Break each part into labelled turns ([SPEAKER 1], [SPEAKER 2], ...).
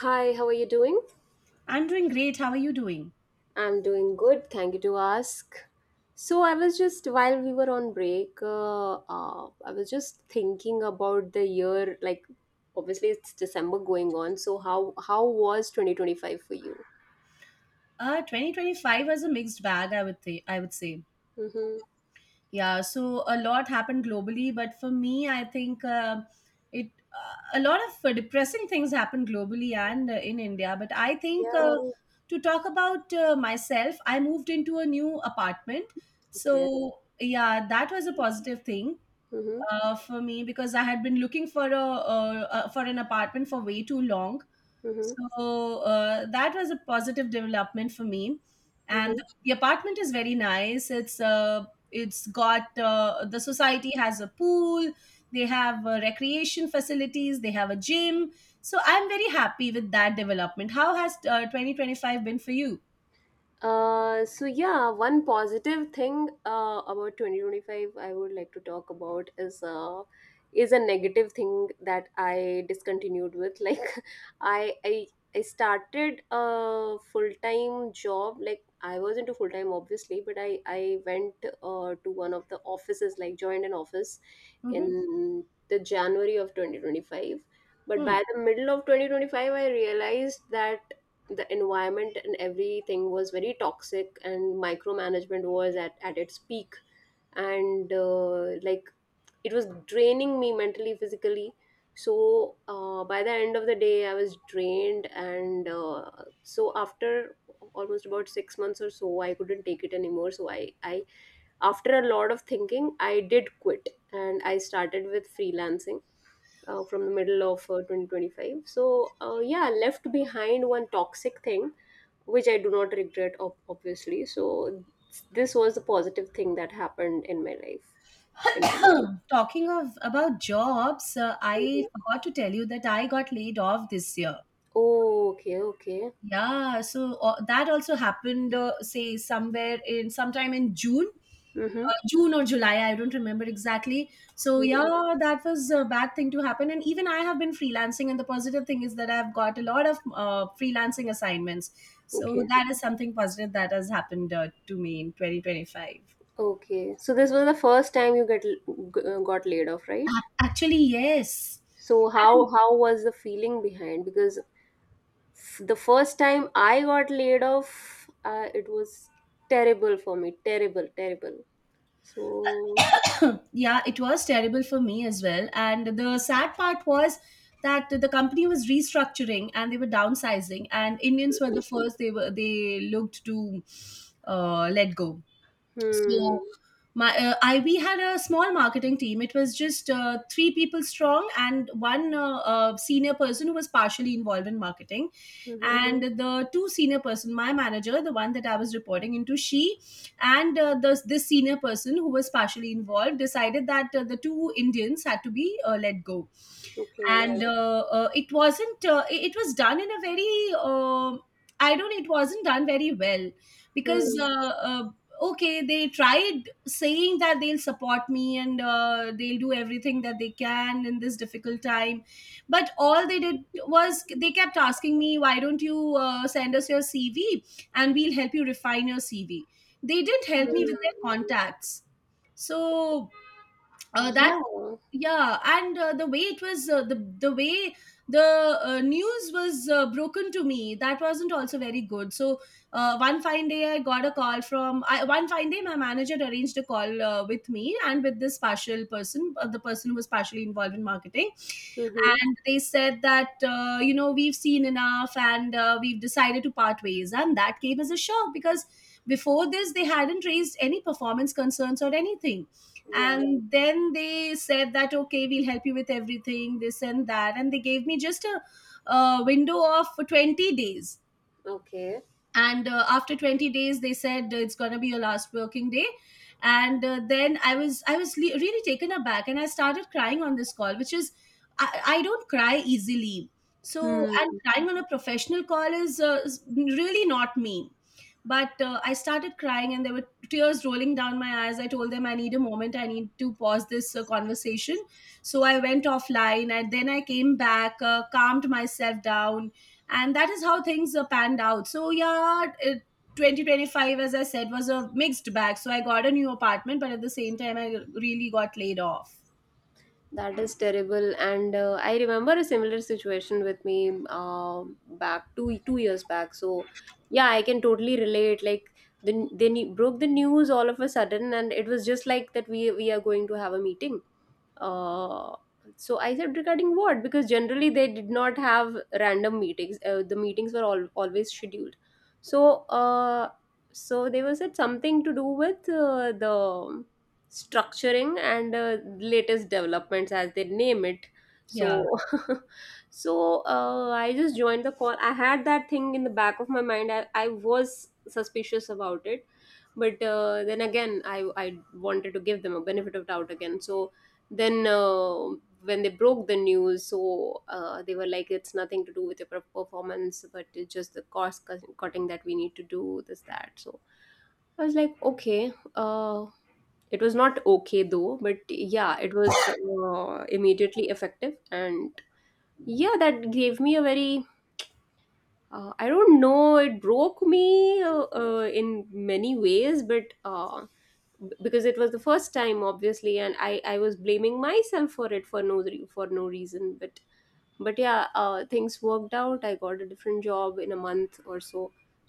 [SPEAKER 1] Hi, how are you doing?
[SPEAKER 2] I'm doing great. How are you doing?
[SPEAKER 1] I'm doing good. Thank you to ask. So I was just while we were on break, I was just thinking about the year. Like, obviously it's December going on. So how was 2025 for you?
[SPEAKER 2] 2025 was a mixed bag, I would say.
[SPEAKER 1] Mm-hmm.
[SPEAKER 2] Yeah. So a lot happened globally, but for me, I think it a lot of depressing things happened globally and in India. But I think
[SPEAKER 1] Yeah,
[SPEAKER 2] Oh. To talk about myself, I moved into a new apartment.
[SPEAKER 1] okay.
[SPEAKER 2] So yeah, that was a positive thing
[SPEAKER 1] Mm-hmm.
[SPEAKER 2] for me, because I had been looking for a for an apartment for way too long.
[SPEAKER 1] Mm-hmm.
[SPEAKER 2] So that was a positive development for me. And the apartment is very nice. It's got the society has a pool. They have recreation facilities. They have a gym. So I'm very happy with that development. How has 2025 been for you?
[SPEAKER 1] So yeah, one positive thing about 2025 I would like to talk about is a negative thing that I discontinued with. Like I I I started a full-time job. Like I was into full-time obviously, but I went to one of the offices, like joined an office
[SPEAKER 2] Hmm.
[SPEAKER 1] in the January of 2025. But
[SPEAKER 2] Hmm.
[SPEAKER 1] by the middle of 2025, I realized that the environment and everything was very toxic and micromanagement was at its peak. And like it was draining me mentally, physically. So by the end of the day, I was drained. And so after almost about 6 months or so, I couldn't take it anymore. So I, after a lot of thinking, I did quit and I started with freelancing from the middle of 2025. So yeah, left behind one toxic thing which I do not regret, obviously, so this was the positive thing that happened in my life. In-
[SPEAKER 2] Talking of about jobs, I forgot to tell you that I got laid off this year.
[SPEAKER 1] oh, okay, okay.
[SPEAKER 2] Yeah, so that also happened, say somewhere in sometime in June.
[SPEAKER 1] Mm-hmm.
[SPEAKER 2] June or July, I don't remember exactly. So
[SPEAKER 1] Mm-hmm.
[SPEAKER 2] yeah, that was a bad thing to happen. And even I have been freelancing, and the positive thing is that I've got a lot of freelancing assignments. So
[SPEAKER 1] Okay,
[SPEAKER 2] that is something positive that has happened to me in 2025.
[SPEAKER 1] okay, so this was the first time you got laid off, right?
[SPEAKER 2] Actually, yes.
[SPEAKER 1] So how
[SPEAKER 2] And
[SPEAKER 1] how was the feeling behind? Because the first time I got laid off, it was terrible for me. Terrible, terrible. So,
[SPEAKER 2] yeah, it was terrible for me as well. And the sad part was that the company was restructuring and they were downsizing, and Indians were the first they looked to let go.
[SPEAKER 1] hmm.
[SPEAKER 2] So my I we had a small marketing team. It was just three people strong, and one senior person who was partially involved in marketing,
[SPEAKER 1] Hmm.
[SPEAKER 2] and the two senior person, my manager, the one that I was reporting into, she, and this senior person who was partially involved decided that the two Indians had to be let go.
[SPEAKER 1] Okay.
[SPEAKER 2] And it wasn't it it was done in a very, I don't it wasn't done very well,
[SPEAKER 1] Hmm.
[SPEAKER 2] because okay they tried saying that they'll support me and they'll do everything that they can in this difficult time, but all they did was they kept asking me, why don't you send us your CV and we'll help you refine your CV? They didn't
[SPEAKER 1] Hmm.
[SPEAKER 2] help me with their contacts. So that
[SPEAKER 1] Yeah.
[SPEAKER 2] yeah. And the way it was the way the news was broken to me, that wasn't also very good. So one fine day I got a call from I, one fine day my manager arranged a call with me and with this partial person, the person who was partially involved in marketing,
[SPEAKER 1] Hmm.
[SPEAKER 2] and they said that, you know, we've seen enough and we've decided to part ways. And that came as a shock, because before this they hadn't raised any performance concerns or anything.
[SPEAKER 1] Yeah.
[SPEAKER 2] And then they said that, okay, we'll help you with everything, this and that, and they gave me just window of 20 days.
[SPEAKER 1] Okay.
[SPEAKER 2] And after 20 days they said, it's going to be your last working day. And then I was really taken aback, and I started crying on this call, which is, I don't cry easily. So, and
[SPEAKER 1] Hmm.
[SPEAKER 2] crying on a professional call is really not me. But I started crying, and there were tears rolling down my eyes. I told them, I need a moment, I need to pause this conversation. So I went offline, and then I came back, calmed myself down, and that is how things panned out. So yeah, 2025, as I said, was a mixed bag. So I got a new apartment, but at the same time I really got laid off.
[SPEAKER 1] That is terrible. And I remember a similar situation with me back two years back. So, yeah, I can totally relate. Like they broke the news all of a sudden, and it was just like that. We are going to have a meeting, uh, so I said regarding what, because generally they did not have random meetings. The meetings were always scheduled. So they were said something to do with the structuring and latest developments as they name it. So
[SPEAKER 2] Yeah.
[SPEAKER 1] so I just joined the call. I had that thing in the back of my mind. I was suspicious about it, but then again, I wanted to give them a benefit of doubt again. So then when they broke the news, so they were like, it's nothing to do with your performance, but it's just the cutting that we need to do this that. So I was like, okay. It was not okay though, but yeah, it was immediately effective. And yeah, that gave me a very I don't know, it broke me in many ways. But because it was the first time obviously, and i was blaming myself for it, for for no reason. But yeah, things worked out. I got a different job in a month or so,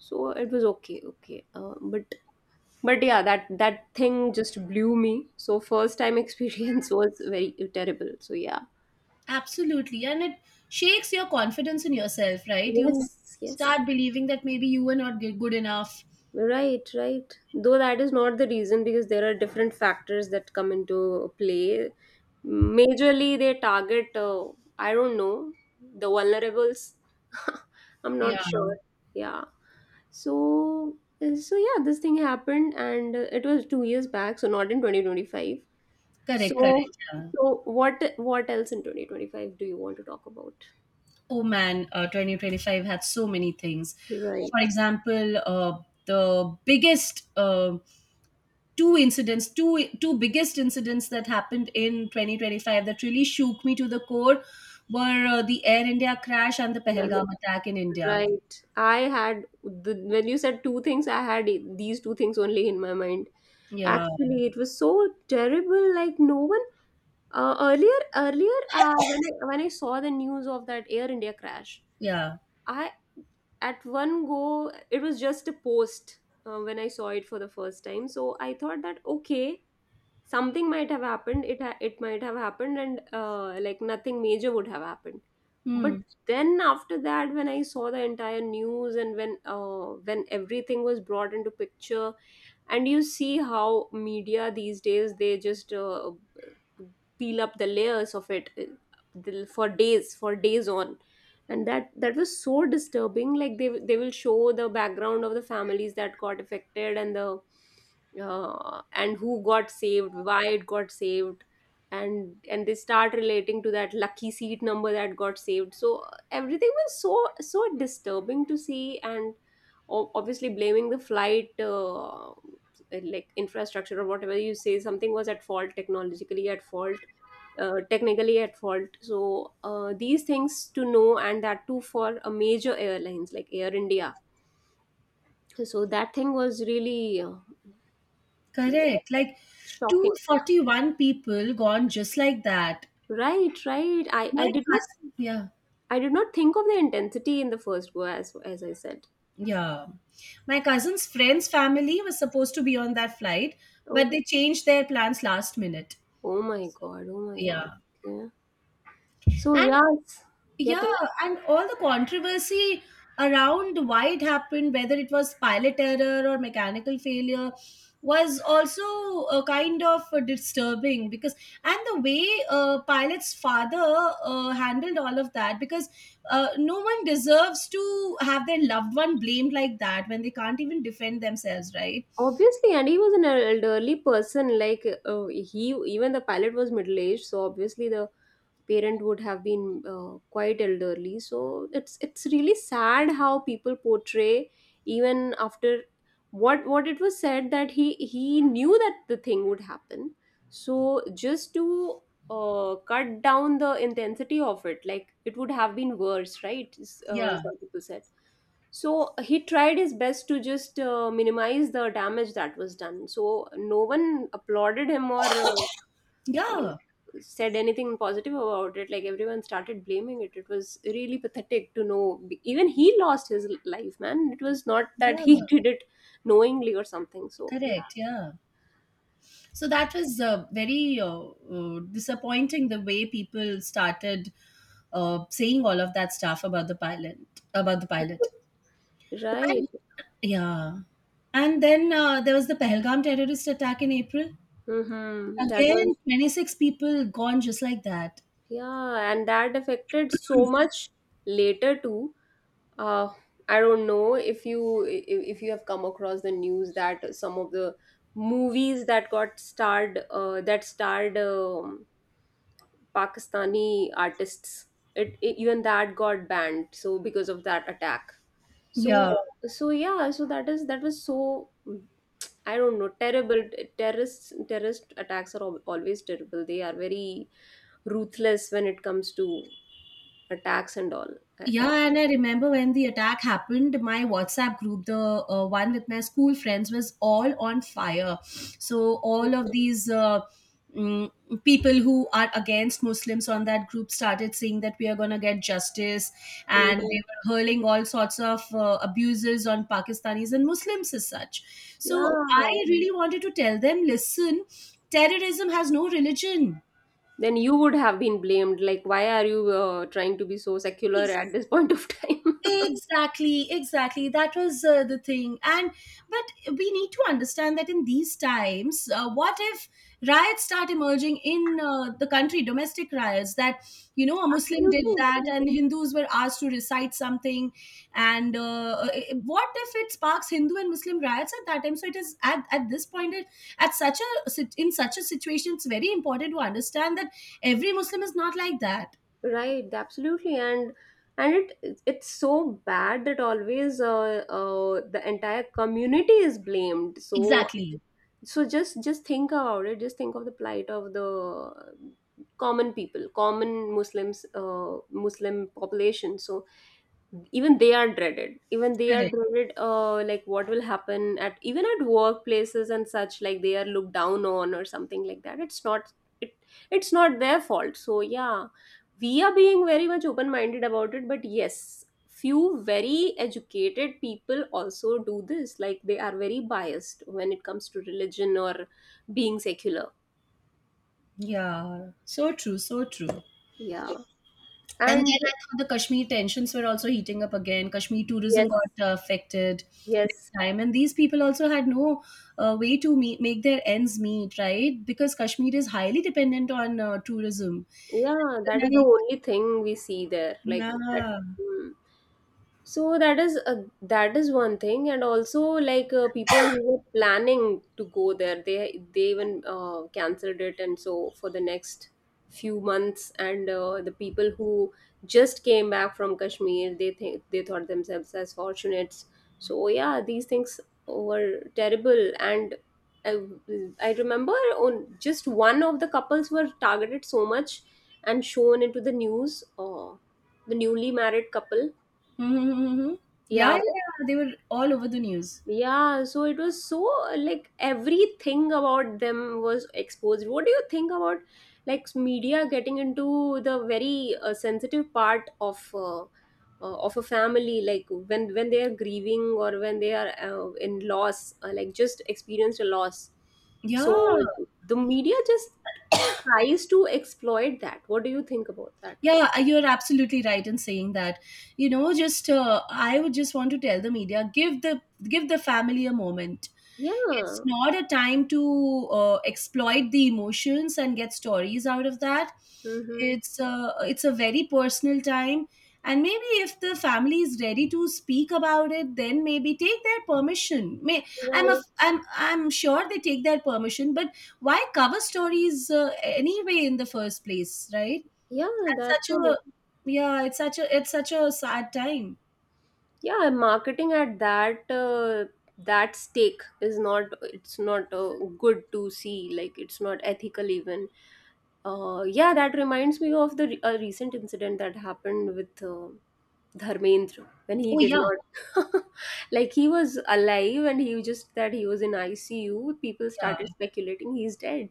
[SPEAKER 1] so it was okay, okay. But yeah, that thing just blew me. So first time experience was very terrible, so yeah.
[SPEAKER 2] Absolutely, and it shakes your confidence in yourself, right? You
[SPEAKER 1] Yes, yes.
[SPEAKER 2] start believing that maybe you were not good enough.
[SPEAKER 1] Right, right. Though that is not the reason, because there are different factors that come into play. Majorly, they target, i don't know, the vulnerables. I'm not sure.
[SPEAKER 2] Yeah.
[SPEAKER 1] Yeah. So, so yeah, this thing happened and it was 2 years back, so not in 2025.
[SPEAKER 2] Correct,
[SPEAKER 1] So,
[SPEAKER 2] correct. Yeah.
[SPEAKER 1] so what else in 2025 do you want to talk about?
[SPEAKER 2] Oh man, 2025 had so many things.
[SPEAKER 1] Right.
[SPEAKER 2] For example, the biggest two biggest incidents that happened in 2025 that really shook me to the core were the Air India crash and the Pehelgam
[SPEAKER 1] Right.
[SPEAKER 2] attack in India.
[SPEAKER 1] Right. I had the, when you said two things, I had these two things only in my mind.
[SPEAKER 2] Yeah,
[SPEAKER 1] Actually, it was so terrible. Like no one earlier earlier when I saw the news of that Air India crash,
[SPEAKER 2] yeah,
[SPEAKER 1] I, at one go, it was just a post when I saw it for the first time. So I thought that okay, something might have happened. It might have happened, and like nothing major would have happened. But
[SPEAKER 2] hmm,
[SPEAKER 1] then after that, when I saw the entire news, and when everything was brought into picture, and you see how media these days, they just peel up the layers of it for days, for days on. And that was so disturbing. Like they will show the background of the families that got affected and the and who got saved, why it got saved, and they start relating to that lucky seat number that got saved. So everything was so disturbing to see. And obviously blaming the flight, like infrastructure or whatever you say, something was at fault technologically, at fault technically at fault. So these things to know, and that too for a major airlines like Air India. So that thing was really
[SPEAKER 2] correct. Like
[SPEAKER 1] shocking.
[SPEAKER 2] 241 people gone just like that.
[SPEAKER 1] Right, right. I
[SPEAKER 2] My
[SPEAKER 1] did not,
[SPEAKER 2] cousin, yeah.
[SPEAKER 1] I did not think of the intensity in the first go, as I said.
[SPEAKER 2] Yeah. My cousin's friend's family was supposed to be on that flight,
[SPEAKER 1] Oh,
[SPEAKER 2] but they changed their plans last minute.
[SPEAKER 1] oh my god, oh my god.
[SPEAKER 2] Yeah.
[SPEAKER 1] Yeah, so
[SPEAKER 2] And
[SPEAKER 1] yes, get
[SPEAKER 2] yeah,
[SPEAKER 1] it.
[SPEAKER 2] and all the controversy around why it happened, whether it was pilot error or mechanical failure, was also a kind of disturbing because, and the way pilot's father handled all of that, because no one deserves to have their loved one blamed like that when they can't even defend themselves, right?
[SPEAKER 1] Obviously, and he was an elderly person. Like even the pilot was middle aged, so obviously the parent would have been quite elderly. So it's really sad how people portray, even after what it was said, that he knew that the thing would happen. So just to cut down the intensity of it, like it would have been worse, right?
[SPEAKER 2] Yeah,
[SPEAKER 1] Some people said. So he tried his best to just minimize the damage that was done. So no one applauded him or like
[SPEAKER 2] yeah,
[SPEAKER 1] said anything positive about it. Like everyone started blaming it. It was really pathetic to know. Even he lost his life, man. It was not that
[SPEAKER 2] yeah,
[SPEAKER 1] he did it knowingly or something, so yeah.
[SPEAKER 2] correct. Yeah. So that was very disappointing, the way people started saying all of that stuff about the pilot, about the pilot.
[SPEAKER 1] Right.
[SPEAKER 2] And yeah, and then there was the Pahalgam terrorist attack in April.
[SPEAKER 1] Mm-hmm. That was,
[SPEAKER 2] Again, 26 people gone just like that.
[SPEAKER 1] yeah, and that affected so much later too. uh I don't know if you if you have come across the news, that some of the movies that got starred that starred Pakistani artists. Even that got banned. So because of that attack. So
[SPEAKER 2] Yeah.
[SPEAKER 1] so yeah. So that is, that was so, I don't know, terrible. Terrorist attacks are always terrible. They are very ruthless when it comes to attacks and all. I, I,
[SPEAKER 2] Yeah, and I remember when the attack happened, my WhatsApp group, the one with my school friends, was all on fire. So, all of these mm, people who are against Muslims on that group started saying that we are going to get justice, and
[SPEAKER 1] Mhm.
[SPEAKER 2] they were hurling all sorts of abuses on Pakistanis and Muslims as such. So,
[SPEAKER 1] Yeah.
[SPEAKER 2] I really wanted to tell them, listen, terrorism has no religion.
[SPEAKER 1] Then you would have been blamed. Like, why are you trying to be so secular at this point of time?
[SPEAKER 2] Exactly, exactly. That was the thing. And but we need to understand that in these times, what if riots start emerging in the country, domestic riots that, you know, a Muslim did that
[SPEAKER 1] Absolutely.
[SPEAKER 2] and Hindus were asked to recite something, and what if it sparks Hindu and Muslim riots at that time? So it is at this point it, at such a sit- in such a situation, it's very important to understand that every Muslim is not like that.
[SPEAKER 1] Right, absolutely, and it, it's so bad that always the entire community is blamed. So
[SPEAKER 2] Exactly.
[SPEAKER 1] so just think about it. Just think of the plight of the common people, common Muslims, Muslim population. So even they are
[SPEAKER 2] Correct.
[SPEAKER 1] dreaded, like what will happen at, even at workplaces and such, like they are looked down on or something like that. It's not, it it's not their fault, so yeah, we are being very much open minded about it. But yes, few very educated people also do this, like they are very biased when it comes to religion or being secular.
[SPEAKER 2] Yeah, so true, so true. And
[SPEAKER 1] Yeah,
[SPEAKER 2] then I
[SPEAKER 1] and
[SPEAKER 2] thought the Kashmir tensions were also heating up again. Kashmir
[SPEAKER 1] yes,
[SPEAKER 2] tourism got affected big
[SPEAKER 1] yes,
[SPEAKER 2] time, and these people also had no way to make their ends meet, right? Because Kashmir is highly dependent on tourism.
[SPEAKER 1] yeah, that is the
[SPEAKER 2] Like,
[SPEAKER 1] only thing we see there, like that.
[SPEAKER 2] yeah.
[SPEAKER 1] Hmm. So that is, that is one thing, and also like people who were planning to go there, they even cancelled it, and so for the next few months, and the people who just came back from Kashmir, they think they thought themselves as fortunates. So yeah, these things were terrible, and I, I remember on, just one of the couples were targeted so much and shown into the news, the newly married couple.
[SPEAKER 2] Mm-hmm, mm-hmm, mm-hmm. Yeah, yeah,
[SPEAKER 1] Yeah,
[SPEAKER 2] yeah, they were all over the news.
[SPEAKER 1] yeah, so it was so, like everything about them was exposed. What do you think about like media getting into the very sensitive part of a family, like when they are grieving or when they are in loss, like just experienced a loss.
[SPEAKER 2] Yeah.
[SPEAKER 1] So the media just tries to exploit that. What do you think about that?
[SPEAKER 2] Yeah, you're absolutely right in saying that. You know, just I would just want to tell the media, give the family a moment. It's
[SPEAKER 1] Yeah.
[SPEAKER 2] not a time to exploit the emotions and get stories out of that.
[SPEAKER 1] Mm-hmm.
[SPEAKER 2] It's a very personal time, and maybe if the family is ready to speak about it, then maybe take their permission. May
[SPEAKER 1] Yeah,
[SPEAKER 2] I'm a, I'm I'm sure they take their permission, but why cover stories anyway in the first place, right?
[SPEAKER 1] yeah, that's
[SPEAKER 2] That's such a
[SPEAKER 1] all.
[SPEAKER 2] Yeah, it's such a sad time.
[SPEAKER 1] Yeah, marketing at that that stake is not good to see. Like it's not ethical even. Yeah, that reminds me of the a recent incident that happened with Dharmendra, when he
[SPEAKER 2] Oh
[SPEAKER 1] did
[SPEAKER 2] yeah,
[SPEAKER 1] not like he was alive, and he was just that he was in ICU. People
[SPEAKER 2] yeah.
[SPEAKER 1] started speculating he's dead,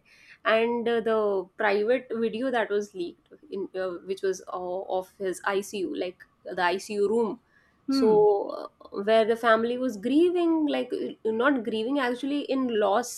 [SPEAKER 1] and the private video that was leaked in which was of his ICU, like the ICU room. So
[SPEAKER 2] Hmm.
[SPEAKER 1] where the family was grieving, like not grieving, actually in loss.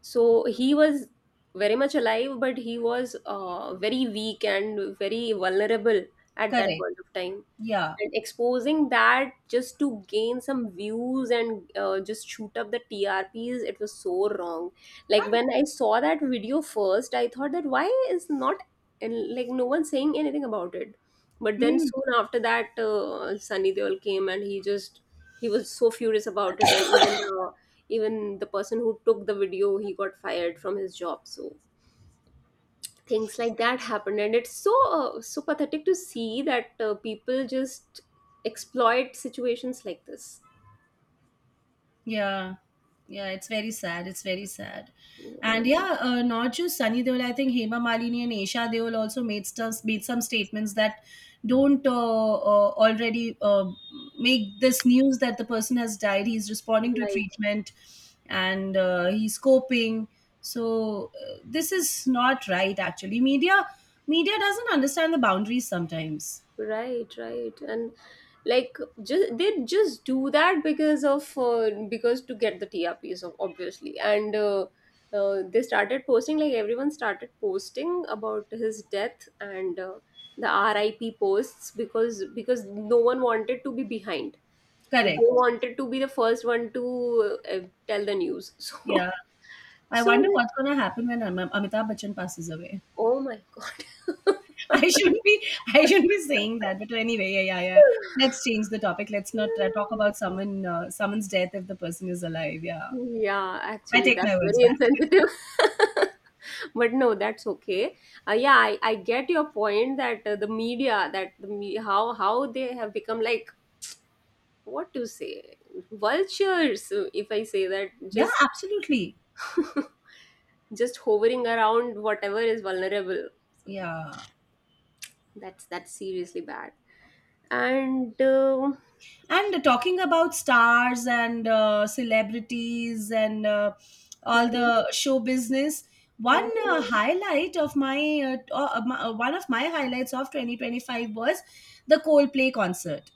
[SPEAKER 1] So he was very much alive, but he was very weak and very vulnerable at that
[SPEAKER 2] Correct.
[SPEAKER 1] point of time.
[SPEAKER 2] Yeah.
[SPEAKER 1] And exposing that just to gain some views and just shoot up the TRPs, it was so wrong. Like when I saw that video first, I thought that why is not and like no one saying anything about it. But then
[SPEAKER 2] Hmm.
[SPEAKER 1] soon after that, Sunny Deol came, and he just he was so furious about it. And even the person who took the video, he got fired from his job. So things like that happened, and it's so so pathetic to see that people just exploit situations like this.
[SPEAKER 2] Yeah, yeah, it's very sad. It's very sad.
[SPEAKER 1] Yeah.
[SPEAKER 2] And yeah, not just Sunny Deol. I think Hema Malini and Esha Deol also made some statements that don't already make this news that the person has died. He's responding to
[SPEAKER 1] Right.
[SPEAKER 2] treatment, and he's coping. So this is not right. Actually, media doesn't understand the boundaries sometimes.
[SPEAKER 1] Right, right, and like just they just do that because of because to get the TRPs, obviously, and they started posting, like everyone started posting about his death and the RIP posts, because no one wanted to be behind. Like they
[SPEAKER 2] Correct.
[SPEAKER 1] wanted to be the first one to tell the news. So
[SPEAKER 2] Yeah. I
[SPEAKER 1] so
[SPEAKER 2] wonder
[SPEAKER 1] like,
[SPEAKER 2] what's gonna happen when Amitabh Bachchan passes away.
[SPEAKER 1] oh my
[SPEAKER 2] I shouldn't be I
[SPEAKER 1] god.
[SPEAKER 2] shouldn't be saying that, but anyway, yeah, yeah, yeah. Let's change the topic. Let's not talk about someone's death if the person is alive. Yeah,
[SPEAKER 1] Yeah,
[SPEAKER 2] I
[SPEAKER 1] actually,
[SPEAKER 2] take
[SPEAKER 1] that's
[SPEAKER 2] my words
[SPEAKER 1] very
[SPEAKER 2] back.
[SPEAKER 1] insensitive. But no, that's okay. Yeah, I get your point that the media, that the me how they have become like what to say, vultures. If I say that,
[SPEAKER 2] Yeah,
[SPEAKER 1] just
[SPEAKER 2] absolutely.
[SPEAKER 1] just hovering around whatever is vulnerable. So
[SPEAKER 2] Yeah.
[SPEAKER 1] that's seriously bad. And
[SPEAKER 2] And talking about stars and celebrities and all
[SPEAKER 1] mhm,
[SPEAKER 2] the show business, one
[SPEAKER 1] mhm.
[SPEAKER 2] highlight of my, t- my one of my highlights of 2025 was the Coldplay concert.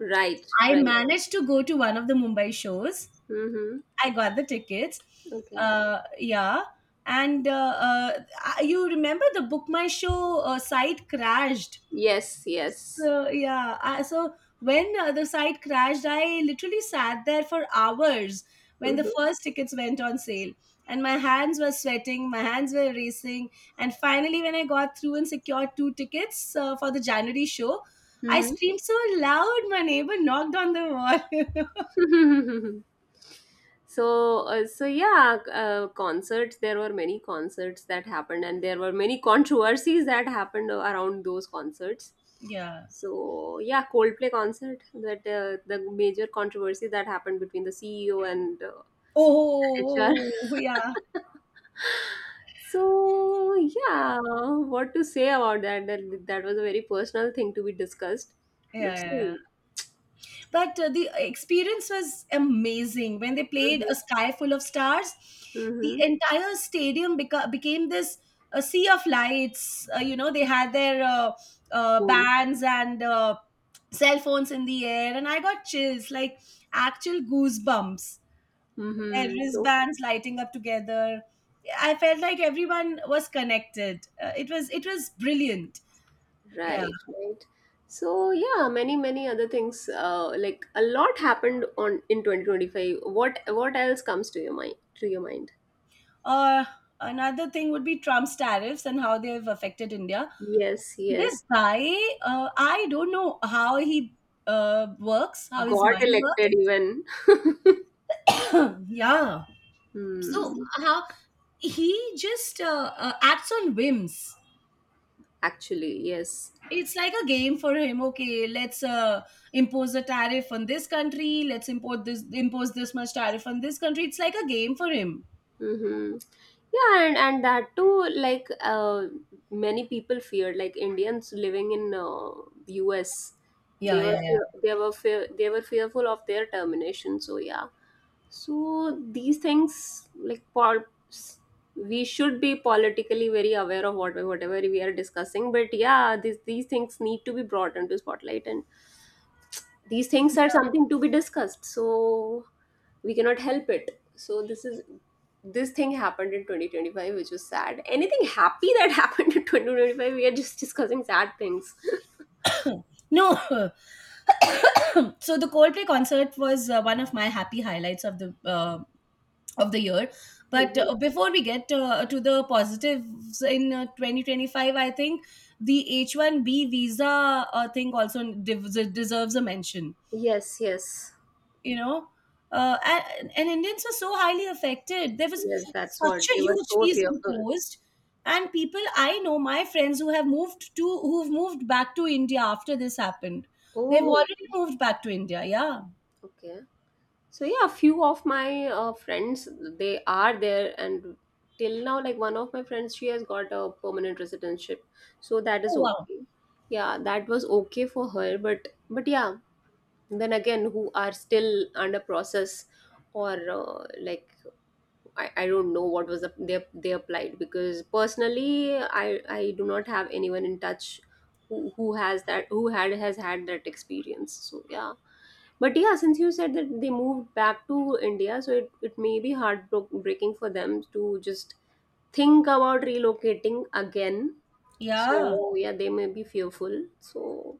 [SPEAKER 1] Right,
[SPEAKER 2] I
[SPEAKER 1] right.
[SPEAKER 2] managed to go to one of the Mumbai shows.
[SPEAKER 1] Mm-hmm.
[SPEAKER 2] I got the tickets.
[SPEAKER 1] Okay.
[SPEAKER 2] Yeah. And you remember the Book My Show site crashed.
[SPEAKER 1] Yes, yes.
[SPEAKER 2] So, yeah. So, when the site crashed, I literally sat there for hours when the first tickets went on sale. And my hands were sweating, my hands were racing. And finally, when I got through and secured two tickets for the January show, I
[SPEAKER 1] Mm-hmm.
[SPEAKER 2] screamed so loud, my neighbor knocked on the wall.
[SPEAKER 1] Mm-hmm. So so yeah, concerts, there were many concerts that happened, and there were many controversies that happened around those concerts.
[SPEAKER 2] Yeah.
[SPEAKER 1] So yeah, Coldplay concert, that the major controversy that happened between the CEO and
[SPEAKER 2] Oh,
[SPEAKER 1] HR.
[SPEAKER 2] yeah.
[SPEAKER 1] So yeah, what to say about that, that that was a very personal thing to be discussed,
[SPEAKER 2] Yeah,
[SPEAKER 1] but
[SPEAKER 2] yeah, yeah.
[SPEAKER 1] still.
[SPEAKER 2] But the experience was amazing when they played
[SPEAKER 1] Mm-hmm,
[SPEAKER 2] A Sky Full of Stars. The
[SPEAKER 1] mm-hmm,
[SPEAKER 2] entire stadium became this sea of lights. You know, they had their
[SPEAKER 1] phone,
[SPEAKER 2] bands and cell phones in the air, and I got chills, like actual goosebumps. Their
[SPEAKER 1] mm-hmm. So
[SPEAKER 2] wristbands lighting up together, I felt like everyone was connected. It was brilliant. Yeah.
[SPEAKER 1] right, right. So yeah, many many other things. Like a lot happened on in 2025. What else comes to your mind? To your mind?
[SPEAKER 2] Uh, Another thing would be Trump's tariffs and how they've affected India.
[SPEAKER 1] Yes, yes.
[SPEAKER 2] This guy, I don't know how he works, how his
[SPEAKER 1] Got
[SPEAKER 2] mind works.
[SPEAKER 1] elected even.
[SPEAKER 2] Yeah. So,
[SPEAKER 1] Hmm.
[SPEAKER 2] how he just acts on whims.
[SPEAKER 1] Actually, yes.
[SPEAKER 2] It's like a game for him. Okay, let's impose a tariff on this country. Let's impose this much tariff on this country. It's like a game for him.
[SPEAKER 1] Mm-hmm. Yeah, and that too, like many people feared, like Indians living in US,
[SPEAKER 2] Yeah, yeah, yeah.
[SPEAKER 1] they were fearful of their termination. So yeah, so these things like s- we should be politically very aware of what whatever we are discussing. But yeah, these things need to be brought into spotlight, and these things are something to be discussed. So we cannot help it. So this is this thing happened in 2025, which was sad. Anything happy that happened in 2025? We are just discussing sad things.
[SPEAKER 2] No, so the Coldplay concert was one of my happy highlights of the year. But
[SPEAKER 1] Mhm.
[SPEAKER 2] before we get to the positives in 2025, I think the H1B visa thing also deserves a mention.
[SPEAKER 1] Yes, yes.
[SPEAKER 2] You know, and Indians were so highly affected. There was
[SPEAKER 1] Yes, that's what
[SPEAKER 2] such
[SPEAKER 1] they
[SPEAKER 2] a
[SPEAKER 1] were
[SPEAKER 2] huge
[SPEAKER 1] so
[SPEAKER 2] fees
[SPEAKER 1] fearful.
[SPEAKER 2] imposed, and people I know, my friends who have moved to who've moved back to India after this happened. They've
[SPEAKER 1] Oh,
[SPEAKER 2] already
[SPEAKER 1] okay.
[SPEAKER 2] moved back to India. Yeah.
[SPEAKER 1] Okay. So yeah, a few of my friends, they are there, and till now, like one of my friends, she has got a permanent residentship, so that is
[SPEAKER 2] Oh wow.
[SPEAKER 1] okay. Yeah, that was okay for her, but yeah, then again, who are still under process, or like I don't know what was the, they applied because personally, I do not have anyone in touch who has had that experience. So yeah, but yeah, since you said that they moved back to India, so it may be heartbreaking for them to just think about relocating again.
[SPEAKER 2] Yeah.
[SPEAKER 1] So yeah, they may be fearful. So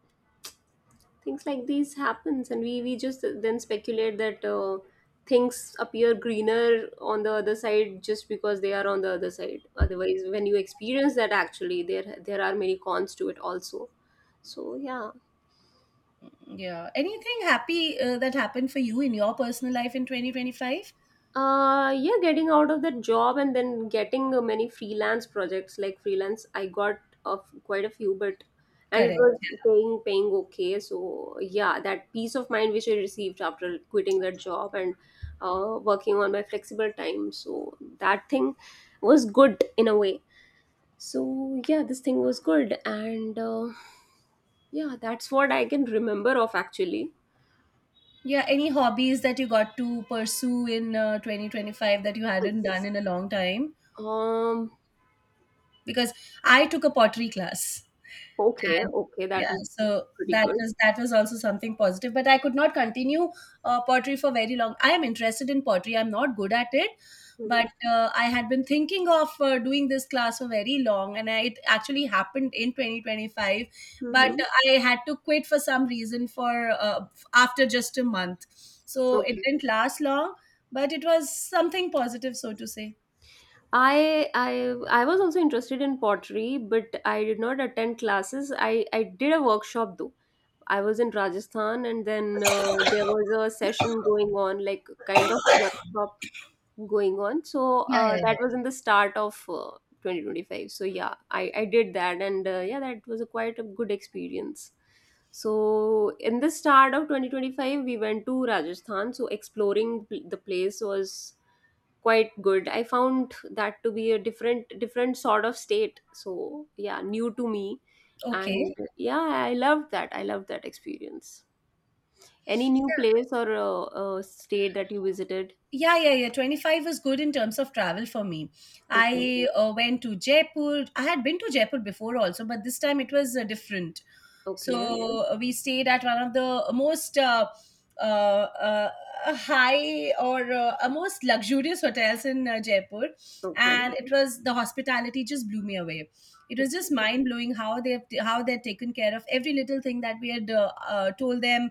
[SPEAKER 1] things like these happens, and we just then speculate that things appear greener on the other side just because they are on the other side. Otherwise, when you experience that, actually, there are many cons to it also. So yeah,
[SPEAKER 2] Yeah. Anything happy that happened for you in your personal life in 2025?
[SPEAKER 1] yeah, getting out of that job and then getting many freelance projects. Like freelance, I got of quite a few, but and it
[SPEAKER 2] Correct.
[SPEAKER 1] was paying okay. So yeah, that peace of mind which I received after quitting that job and working on my flexible time, so that thing was good in a way. So yeah, this thing was good, and yeah, that's what I can remember of actually.
[SPEAKER 2] Yeah. Any hobbies that you got to pursue in 2025 that you hadn't done
[SPEAKER 1] It's-
[SPEAKER 2] in a long time?
[SPEAKER 1] um
[SPEAKER 2] Because I took a pottery class.
[SPEAKER 1] okay,
[SPEAKER 2] And
[SPEAKER 1] okay, that
[SPEAKER 2] yeah,
[SPEAKER 1] was
[SPEAKER 2] so
[SPEAKER 1] pretty
[SPEAKER 2] that
[SPEAKER 1] good.
[SPEAKER 2] was that was also something positive, but I could not continue pottery for very long. I am interested in pottery, I'm not good at it.
[SPEAKER 1] Mhm.
[SPEAKER 2] But I had been thinking of doing this class for very long, and I, it actually happened in 2025, but
[SPEAKER 1] Mm-hmm.
[SPEAKER 2] I had to quit for some reason, for uh, after just a month. So it
[SPEAKER 1] Okay.
[SPEAKER 2] didn't last long, but it was something positive, so to say.
[SPEAKER 1] I I I was also interested in pottery, but I did not attend classes. I did a workshop though. I was in Rajasthan, and then there was a session going on, like kind of workshop going on. So
[SPEAKER 2] Yeah, yeah,
[SPEAKER 1] that was in the start of 2025. So yeah, I did that, and yeah, that was a quite a good experience. So in the start of 2025, we went to Rajasthan. So exploring the place was quite good. I found that to be a different sort of state. So yeah, new to me,
[SPEAKER 2] yeah,
[SPEAKER 1] and
[SPEAKER 2] okay.
[SPEAKER 1] yeah, I loved that. I loved that experience. Any new place or state that you visited?
[SPEAKER 2] Yeah, yeah, yeah. 25 was good in terms of travel for me.
[SPEAKER 1] Okay,
[SPEAKER 2] I went to Jaipur. I had been to Jaipur before also, but this time it was different.
[SPEAKER 1] okay,
[SPEAKER 2] So we stayed at one of the most uh, uh, high or most luxurious hotels in Jaipur.
[SPEAKER 1] okay,
[SPEAKER 2] And it was the hospitality just blew me away. It was
[SPEAKER 1] okay.
[SPEAKER 2] just mind blowing how they have how they are taken care of every little thing that we had told them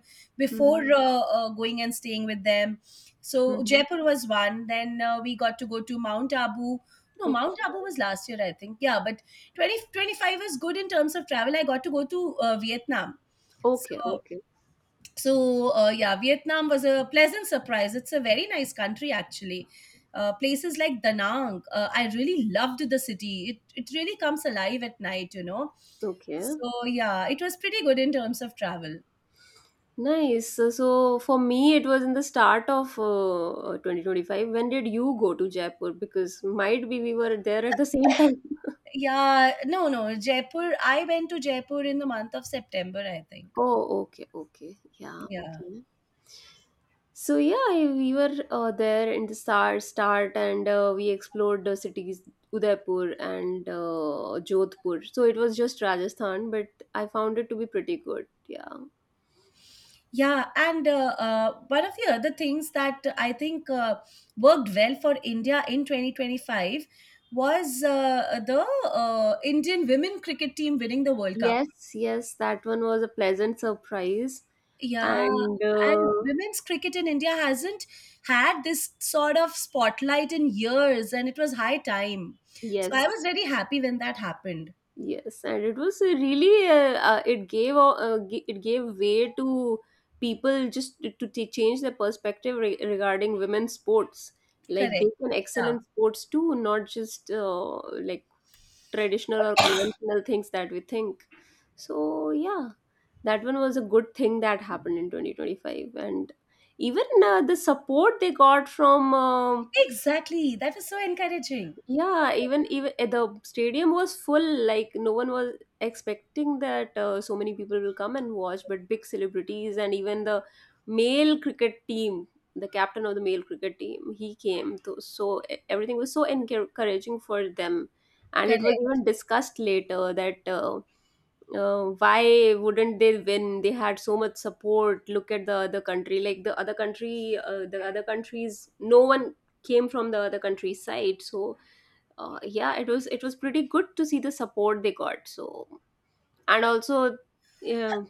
[SPEAKER 1] Mm-hmm,
[SPEAKER 2] before going and staying with them. So
[SPEAKER 1] mm-hmm.
[SPEAKER 2] Jaipur was one. Then we got to go to Mount Abu. No,
[SPEAKER 1] Okay,
[SPEAKER 2] Mount Abu was last year, I think. Yeah, but twenty twenty five 25 is good in terms of travel. I got to go to Vietnam.
[SPEAKER 1] okay,
[SPEAKER 2] So,
[SPEAKER 1] okay,
[SPEAKER 2] so, yeah, Vietnam was a pleasant surprise. It's a very nice country, actually. Places like Da Nang, I really loved the city. It really comes alive at night, you know.
[SPEAKER 1] okay.
[SPEAKER 2] So, yeah, it was pretty good in terms of travel.
[SPEAKER 1] Nice. So, so for me, it was in the start of 2025. When did you go to Jaipur? Because might be we were there at the same time.
[SPEAKER 2] Yeah, no, no, Jaipur. I went to Jaipur in the month of September, I think.
[SPEAKER 1] Oh, okay, okay. Yeah,
[SPEAKER 2] Yeah,
[SPEAKER 1] okay. So yeah, we were there in the start, and we explored the cities Udaipur and Jodhpur. So it was just Rajasthan, but I found it to be pretty good. Yeah.
[SPEAKER 2] yeah, and one of the other things that I think worked well for India in 2025 was the Indian women cricket team winning the World Cup.
[SPEAKER 1] Yes, yes, that one was a pleasant surprise,
[SPEAKER 2] Yeah,
[SPEAKER 1] and
[SPEAKER 2] and women's cricket in India hasn't had this sort of spotlight in years, and it was high time. So I
[SPEAKER 1] yes.
[SPEAKER 2] was very happy when that happened.
[SPEAKER 1] Yes, and it was really it gave it gave way to people just to, to change their perspective regarding women's sports. Like they
[SPEAKER 2] Correct.
[SPEAKER 1] can excel
[SPEAKER 2] Yeah,
[SPEAKER 1] in sports too, not just like traditional or conventional things that we think. So yeah, that one was a good thing that happened in 2025, and even the support they got from. Um,
[SPEAKER 2] exactly. That was so encouraging.
[SPEAKER 1] yeah, even even eh, the stadium was full. Like no one was expecting that so many people will come and watch. But big celebrities and even the male cricket team, the captain of the male cricket team, he came. To, so eh, everything was so encouraging for them, and it was
[SPEAKER 2] Correct.
[SPEAKER 1] even discussed later that why wouldn't they win? They had so much support. Look at the other country. Like the other country, the other countries, no one came from the other country's side. So yeah, it was pretty good to see the support they got. So and also yeah,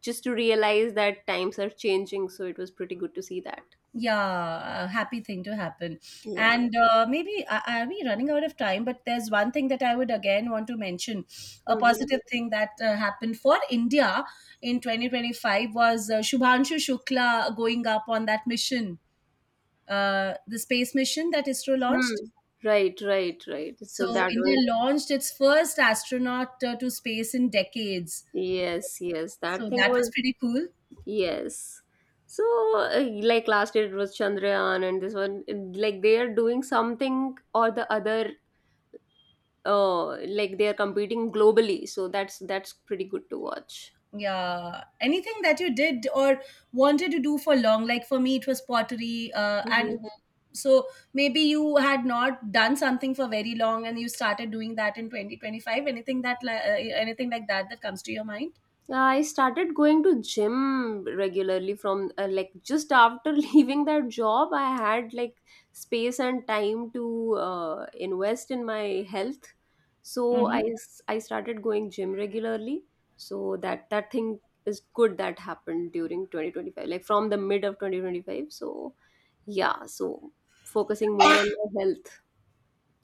[SPEAKER 1] just to realize that times are changing. So it was pretty good to see that.
[SPEAKER 2] Yeah, a happy thing to happen.
[SPEAKER 1] Yeah.
[SPEAKER 2] And maybe are we running out of time? But there's one thing that I would again want to mention. A
[SPEAKER 1] Mm-hmm.
[SPEAKER 2] positive thing that happened for India in 2025 was Shubhanshu Shukla going up on that mission, the space mission that ISRO
[SPEAKER 1] Hmm.
[SPEAKER 2] launched.
[SPEAKER 1] Right, right, right, so
[SPEAKER 2] So
[SPEAKER 1] that
[SPEAKER 2] India
[SPEAKER 1] one.
[SPEAKER 2] launched its first astronaut to space in decades.
[SPEAKER 1] Yes, yes, that
[SPEAKER 2] So
[SPEAKER 1] thing
[SPEAKER 2] that
[SPEAKER 1] was.
[SPEAKER 2] was pretty cool.
[SPEAKER 1] Yes. So uh, like last year it was Chandrayaan, and this one like they are doing something or the other. Like they are competing globally, so that's pretty good to watch.
[SPEAKER 2] Yeah, anything that you did or wanted to do for long, like for me it was pottery and mhm. So maybe you had not done something for very long, and you started doing that in 2025. Anything that anything like that that comes to your mind?
[SPEAKER 1] I started going to gym regularly from like just after leaving that job. I had like space and time to invest in my health, so
[SPEAKER 2] Hmm.
[SPEAKER 1] I started going gym regularly. So that that thing is good that happened during 2025, like from the mid of 2025. So yeah, so focusing more on my health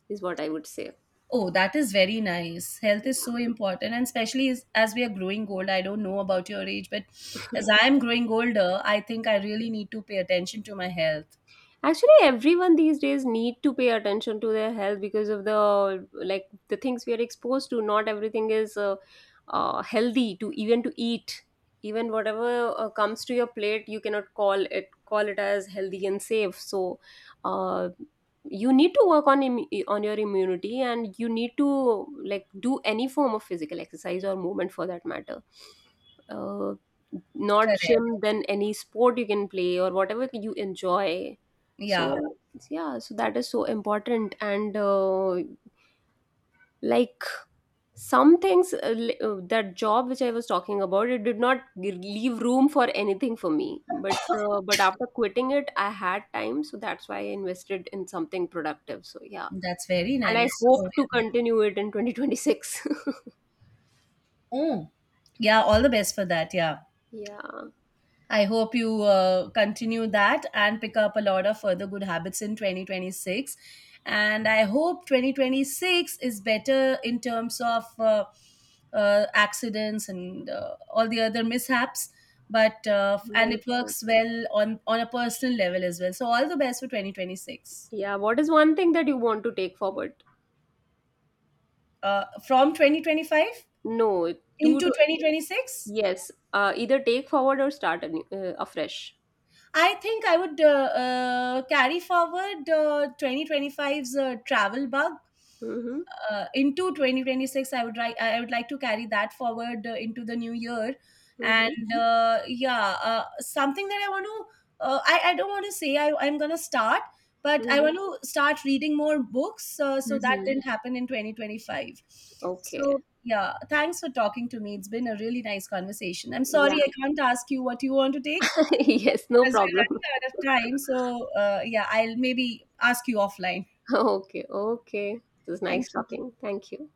[SPEAKER 1] is what I would say.
[SPEAKER 2] Oh, that is very nice. Health is so important, and especially as we are growing old. I don't know about your age, but as I am growing older, I think I really need to pay attention to my health.
[SPEAKER 1] Actually, everyone these days need to pay attention to their health because of the like the things we are exposed to. Not everything is healthy to even to eat. Even whatever comes to your plate, you cannot call it as healthy and safe. So, uh, you need to work on on your immunity, and you need to like do any form of physical exercise or movement for that matter. Uh, Not
[SPEAKER 2] Correct.
[SPEAKER 1] gym, then any sport you can play or whatever you enjoy.
[SPEAKER 2] Yeah,
[SPEAKER 1] So yeah, so that is so important, and like some things that job which I was talking about, it did not leave room for anything for me, but after quitting it, I had time, so that's why I invested in something productive. So yeah,
[SPEAKER 2] that's very
[SPEAKER 1] and I
[SPEAKER 2] nice. So,
[SPEAKER 1] hope to
[SPEAKER 2] yeah.
[SPEAKER 1] continue it in 2026.
[SPEAKER 2] Yeah, all the best for that. Yeah.
[SPEAKER 1] Yeah.
[SPEAKER 2] I hope you continue that and pick up a lot of further good habits in 2026. And I hope 2026 is better in terms of accidents and all the other mishaps. But
[SPEAKER 1] Right.
[SPEAKER 2] and it works well on a personal level as well. So all the best for 2026.
[SPEAKER 1] Yeah, what is one thing that you want to take forward?
[SPEAKER 2] From 2025
[SPEAKER 1] No. Do
[SPEAKER 2] into
[SPEAKER 1] to.
[SPEAKER 2] 2026.
[SPEAKER 1] Yes, either take forward or start anew, afresh.
[SPEAKER 2] I think I would carry forward five's travel bug
[SPEAKER 1] Hmm.
[SPEAKER 2] into 2026. I would like to carry that forward into the new year,
[SPEAKER 1] Mm-hmm.
[SPEAKER 2] and yeah, something that I want to I don't want to say I'm gonna start, but I
[SPEAKER 1] Mm-hmm.
[SPEAKER 2] want to start reading more books. So that
[SPEAKER 1] Mm-hmm.
[SPEAKER 2] didn't happen in 2025. So
[SPEAKER 1] Okay.
[SPEAKER 2] yeah, thanks for talking to me. It's been a really nice conversation. I'm
[SPEAKER 1] Yeah.
[SPEAKER 2] sorry I can't ask you what you want to take
[SPEAKER 1] Yes, no
[SPEAKER 2] because we're
[SPEAKER 1] problem.
[SPEAKER 2] running out of time. So, yeah, I'll maybe ask you offline.
[SPEAKER 1] Okay. Okay. It was nice
[SPEAKER 2] Thank you.
[SPEAKER 1] talking. Thank you.